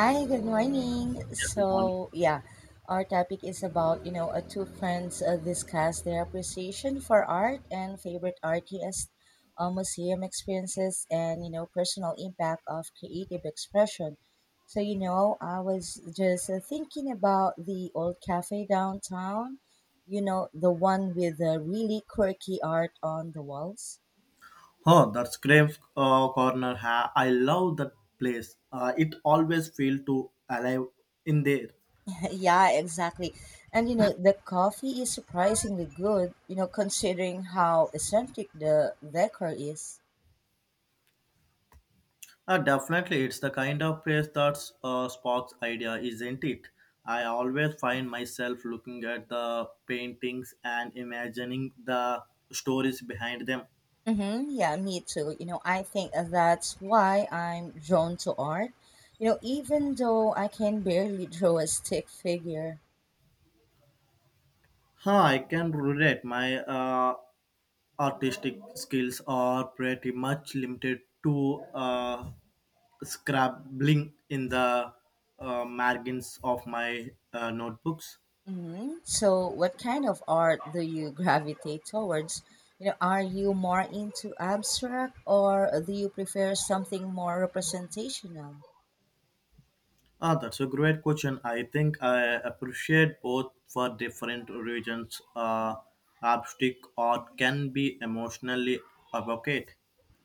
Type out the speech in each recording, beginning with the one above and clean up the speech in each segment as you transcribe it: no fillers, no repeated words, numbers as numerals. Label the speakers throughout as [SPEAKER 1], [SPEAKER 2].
[SPEAKER 1] Hi, good morning.
[SPEAKER 2] Everyone.
[SPEAKER 1] Our topic is about, two friends discuss their appreciation for art and favorite artists, museum experiences, and, personal impact of creative expression. I was just thinking about the old cafe downtown, the one with the really quirky art on the walls.
[SPEAKER 2] Oh, that's Grave Corner. I love that place. It always feels too alive in there.
[SPEAKER 1] Yeah, exactly. And the coffee is surprisingly good, considering how eccentric the decor is.
[SPEAKER 2] Definitely, it's the kind of place that sparks idea, isn't it? I always find myself looking at the paintings and imagining the stories behind them.
[SPEAKER 1] Mm-hmm, yeah, me too. I think that's why I'm drawn to art. Even though I can barely draw a stick figure.
[SPEAKER 2] Huh, I can relate. My artistic skills are pretty much limited to scribbling in the margins of my notebooks.
[SPEAKER 1] Mm-hmm. So, what kind of art do you gravitate towards? Are you more into abstract or do you prefer something more representational?
[SPEAKER 2] Ah, that's a great question. I think I appreciate both for different regions. Abstract art can be emotionally evocative.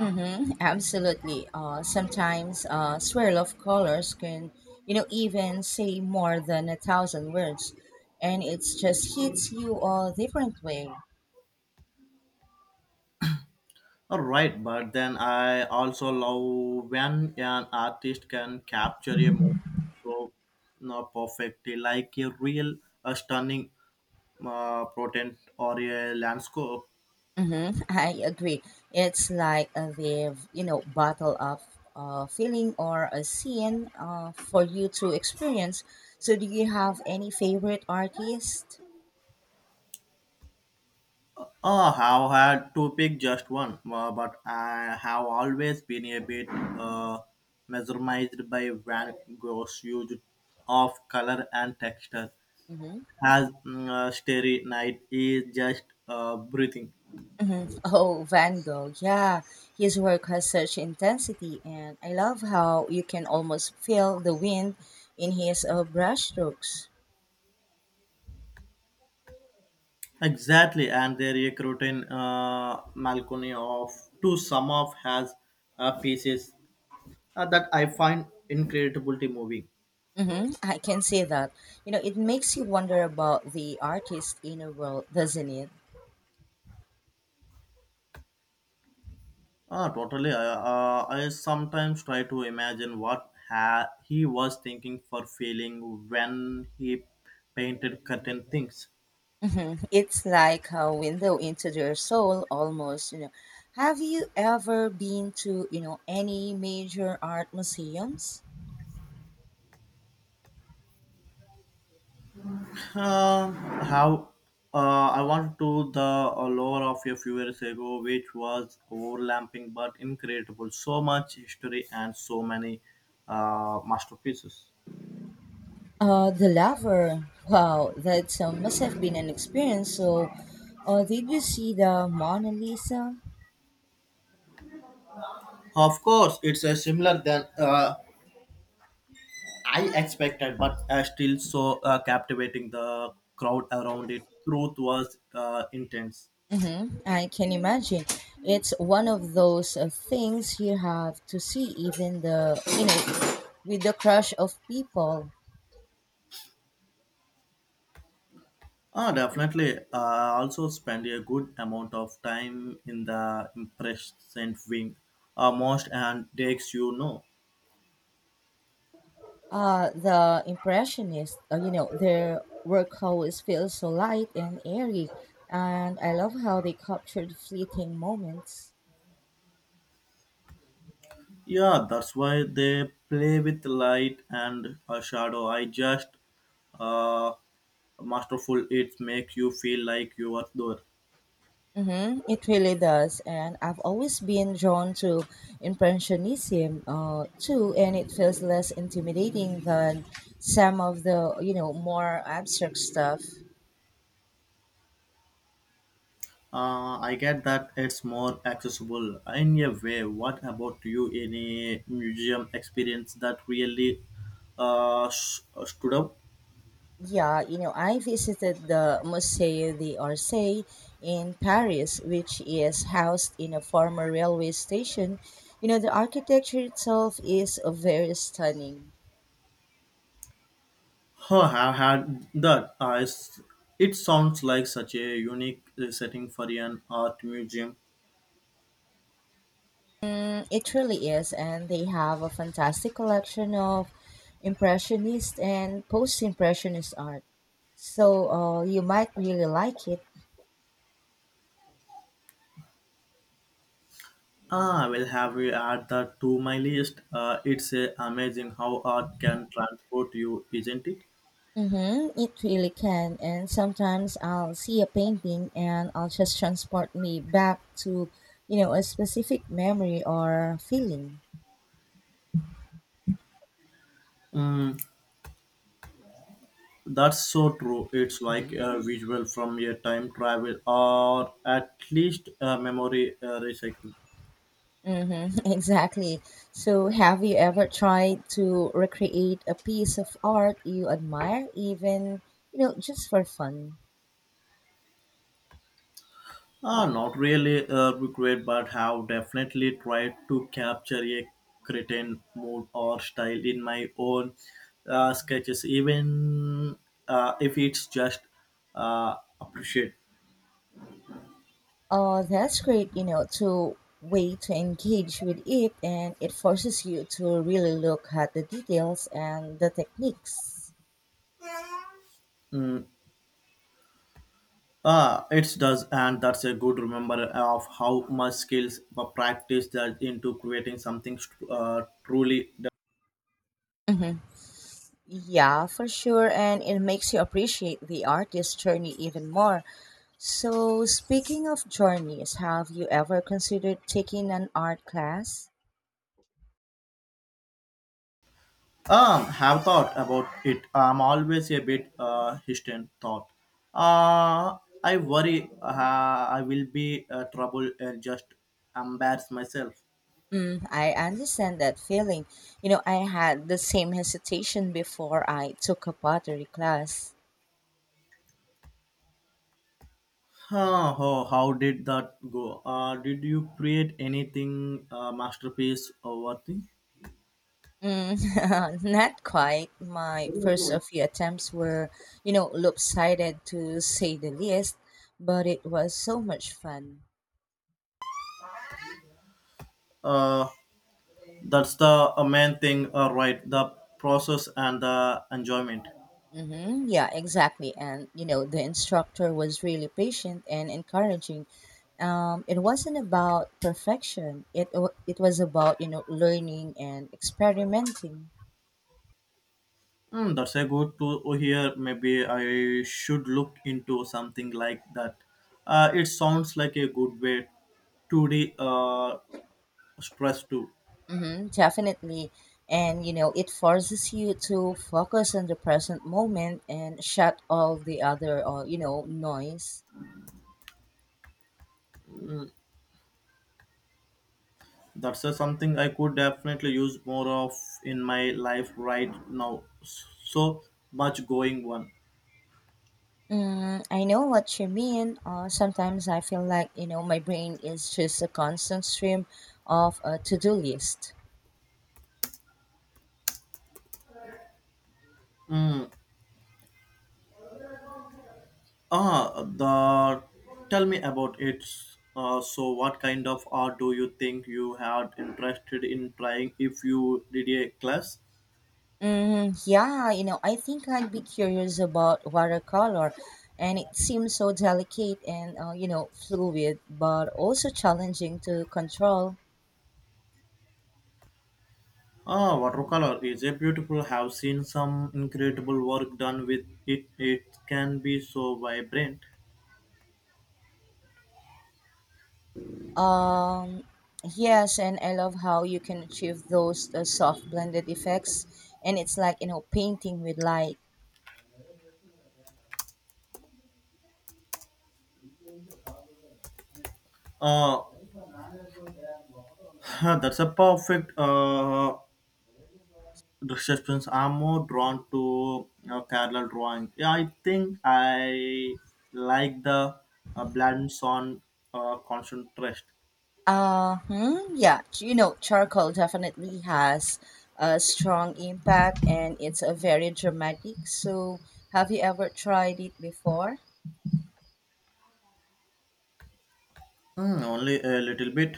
[SPEAKER 1] Mm-hmm, absolutely. Sometimes swirl of colors can, even say more than a thousand words, and it just hits you a different way.
[SPEAKER 2] All right, but then I also love when an artist can capture a moment so perfectly, like a real, a stunning portent or a landscape.
[SPEAKER 1] Mm-hmm, I agree. It's like they've, bottle up a feeling or a scene for you to experience. So, do you have any favorite artist?
[SPEAKER 2] I have had to pick just one, but I have always been a bit mesmerized by Van Gogh's use of color and texture.
[SPEAKER 1] Mm-hmm.
[SPEAKER 2] As Starry Night is just breathing.
[SPEAKER 1] Mhm. Oh, Van Gogh. Yeah, his work has such intensity, and I love how you can almost feel the wind in his brushstrokes.
[SPEAKER 2] Exactly, and their recruiting Malcony of to some of has pieces that I find incredibly moving.
[SPEAKER 1] Mm-hmm. I can see that. It makes you wonder about the artist's inner world, doesn't it?
[SPEAKER 2] Ah, totally. I sometimes try to imagine what he was thinking for feeling when he painted certain things.
[SPEAKER 1] Mm-hmm. It's like a window into their soul, almost. Have you ever been to any major art museums?
[SPEAKER 2] Uh, how I want to the lore of a few years ago, which was overlapping but incredible. So much history and so many masterpieces.
[SPEAKER 1] The latter. Wow, that must have been an experience. So, did you see the Mona Lisa?
[SPEAKER 2] Of course, it's a similar than I expected, but still so captivating. The crowd around it, truth was intense.
[SPEAKER 1] Mm-hmm. I can imagine. It's one of those things you have to see, even the with the crush of people.
[SPEAKER 2] Ah, definitely. I also spend a good amount of time in the impression wing, most and takes you know.
[SPEAKER 1] The impressionists. Their work always feels so light and airy, and I love how they captured fleeting moments.
[SPEAKER 2] Yeah, that's why they play with light and a shadow. I just uh, masterful. It makes you feel like you are there.
[SPEAKER 1] Mm-hmm, it really does, and I've always been drawn to impressionism too, and it feels less intimidating than some of the more abstract stuff.
[SPEAKER 2] I get that it's more accessible in a way. What about you? Any museum experience that really stood up?
[SPEAKER 1] Yeah, I visited the Musée d'Orsay in Paris, which is housed in a former railway station. The architecture itself is very stunning.
[SPEAKER 2] Oh, I've had that. I s It sounds like such a unique setting for an art museum.
[SPEAKER 1] Mm, it really is, and they have a fantastic collection of impressionist and post-impressionist art. So you might really like it.
[SPEAKER 2] Ah, I will have you add that to my list. It's amazing how art can transport you, isn't it?
[SPEAKER 1] Mm-hmm, it really can. And sometimes I'll see a painting and I'll just transport me back to, a specific memory or feeling.
[SPEAKER 2] Mm, that's so true. It's like
[SPEAKER 1] Hmm.
[SPEAKER 2] a visual from a time travel or at least a memory recycling.
[SPEAKER 1] Mm-hmm, exactly. So have you ever tried to recreate a piece of art you admire, even, just for fun?
[SPEAKER 2] Not really regret, but have definitely tried to capture a certain mood or style in my own sketches, even if it's just appreciate.
[SPEAKER 1] Oh, that's great, to way to engage with it and it forces you to really look at the details and the techniques.
[SPEAKER 2] Mm, it does, and that's a good remember of how much skills practice that into creating something truly.
[SPEAKER 1] Hmm. Yeah, for sure, and it makes you appreciate the artist's journey even more. So, speaking of journeys, have you ever considered taking an art class?
[SPEAKER 2] Have thought about it. I'm always a bit hesitant. Thought. Uh, I worry I will be trouble and just embarrass myself.
[SPEAKER 1] Mm, I understand that feeling. I had the same hesitation before I took a pottery class.
[SPEAKER 2] Huh, oh, how did that go? Did you create anything masterpiece or what thing?
[SPEAKER 1] Mm, not quite. My first few attempts were, lopsided to say the least, but it was so much fun.
[SPEAKER 2] Uh, that's the main thing, right? The process and the enjoyment.
[SPEAKER 1] Mm-hmm. Yeah, exactly. And, the instructor was really patient and encouraging. It wasn't about perfection. It was about, learning and experimenting.
[SPEAKER 2] Hmm, that's a good to hear. Maybe I should look into something like that. It sounds like a good way to de stress too.
[SPEAKER 1] Mm-hmm, definitely. And it forces you to focus on the present moment and shut all the other, noise.
[SPEAKER 2] That's something I could definitely use more of in my life right now. So much going on.
[SPEAKER 1] Mm, I know what you mean. Sometimes I feel like my brain is just a constant stream of a to-do list.
[SPEAKER 2] Mm. Ah, the tell me about it. So what kind of art do you think you had interested in trying if you did a class?
[SPEAKER 1] Mm, yeah, I think I'd be curious about watercolor, and it seems so delicate and fluid, but also challenging to control.
[SPEAKER 2] Ah, watercolor is a beautiful. Have seen some incredible work done with it. It can be so vibrant.
[SPEAKER 1] Um, yes, and I love how you can achieve those soft blended effects, and it's like painting with light.
[SPEAKER 2] Uh, that's a perfect description. I'm more drawn to Kerala drawing. Yeah, I think I like the blends on concentration.
[SPEAKER 1] Yeah, charcoal definitely has a strong impact, and it's a very dramatic. So, have you ever tried it before?
[SPEAKER 2] Hmm, only a little bit.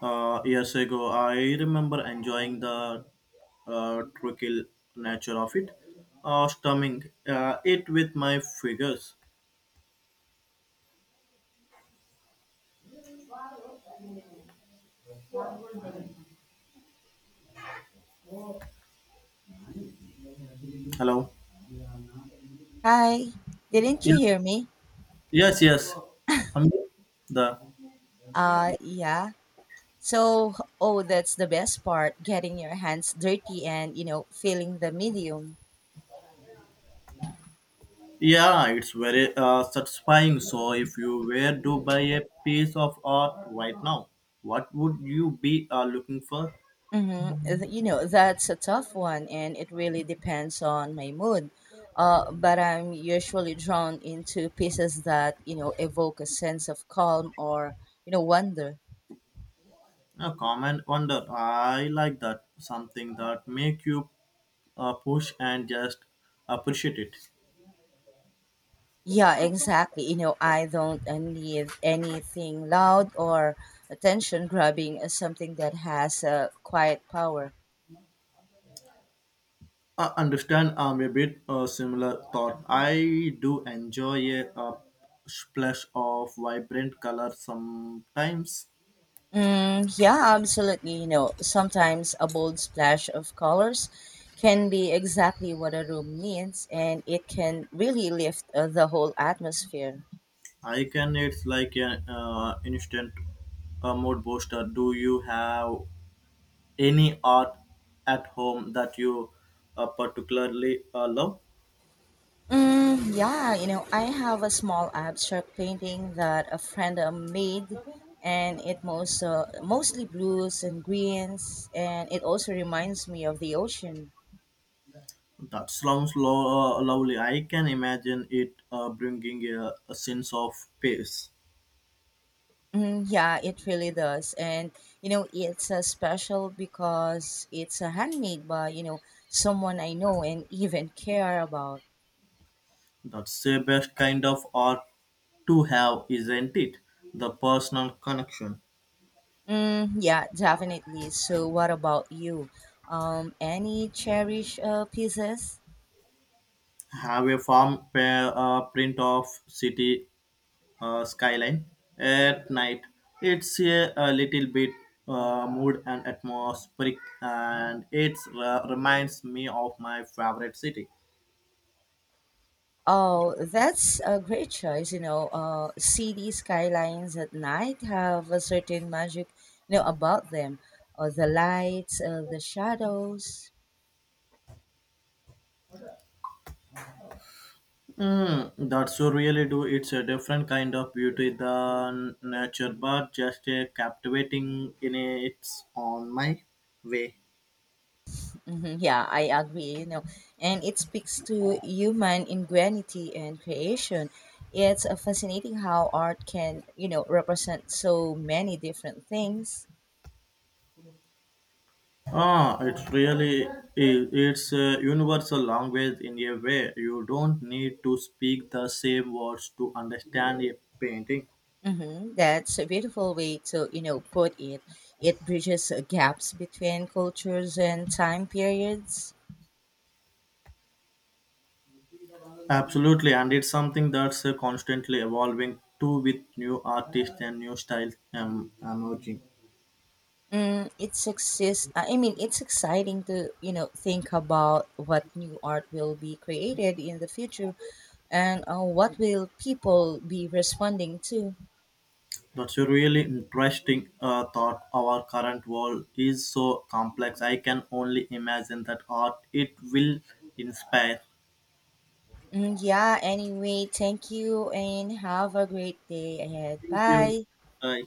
[SPEAKER 2] Years ago, I remember enjoying the tranquil nature of it, strumming it with my fingers. Hello.
[SPEAKER 1] Hi, didn't you
[SPEAKER 2] Yeah.
[SPEAKER 1] hear me?
[SPEAKER 2] Yes, yes. Um, the
[SPEAKER 1] Yeah. So, oh, that's the best part, getting your hands dirty and feeling the medium.
[SPEAKER 2] yeah, it's very satisfying. So, if you were to buy a piece of art right now, what would you be looking for?
[SPEAKER 1] Mm-hmm. That's a tough one, and it really depends on my mood. But I'm usually drawn into pieces that, evoke a sense of calm or, wonder.
[SPEAKER 2] A common wonder. I like that. Something that make you push and just appreciate it.
[SPEAKER 1] Yeah, exactly. I don't need anything loud or attention grabbing, something that has a quiet power.
[SPEAKER 2] I understand I'm a bit similar thought. I do enjoy a, splash of vibrant color sometimes.
[SPEAKER 1] Mm, yeah, absolutely. Sometimes a bold splash of colors can be exactly what a room needs, and it can really lift the whole atmosphere.
[SPEAKER 2] I can it's like an instant mood booster. Do you have any art at home that you particularly love?
[SPEAKER 1] Mm, yeah, I have a small abstract painting that a friend made, and it mostly blues and greens, and it also reminds me of the ocean.
[SPEAKER 2] That sounds lovely. I can imagine it bringing a sense of peace.
[SPEAKER 1] Mm, yeah, it really does. And, it's special because it's handmade by, someone I know and even care about.
[SPEAKER 2] That's the best kind of art to have, isn't it? The personal connection.
[SPEAKER 1] Mm, yeah, definitely. So, what about you? Any cherished pieces?
[SPEAKER 2] Have a print of city skyline at night. It's a little bit mood and atmospheric, and it reminds me of my favorite city.
[SPEAKER 1] Oh, that's a great choice. City skylines at night have a certain magic, about them. The lights, the shadows.
[SPEAKER 2] Mm, that's you really do. It's a different kind of beauty than nature, but just a captivating in its own my way.
[SPEAKER 1] Hmm. Yeah, I agree. And it speaks to human ingenuity and creation. It's fascinating how art can, represent so many different things.
[SPEAKER 2] Ah, it's really it's a universal language in a way. You don't need to speak the same words to understand a painting.
[SPEAKER 1] Hmm. That's a beautiful way to, put it. It bridges gaps between cultures and time periods.
[SPEAKER 2] Absolutely, and it's something that's constantly evolving too with new artists and new styles emerging.
[SPEAKER 1] Mm, it's exist. I mean, it's exciting to, think about what new art will be created in the future. And what will people be responding to?
[SPEAKER 2] That's a really interesting thought. Our current world is so complex. I can only imagine that art it will inspire.
[SPEAKER 1] Mm, yeah, anyway, thank you and have a great day ahead.
[SPEAKER 2] Thank you.
[SPEAKER 1] Bye.
[SPEAKER 2] Bye.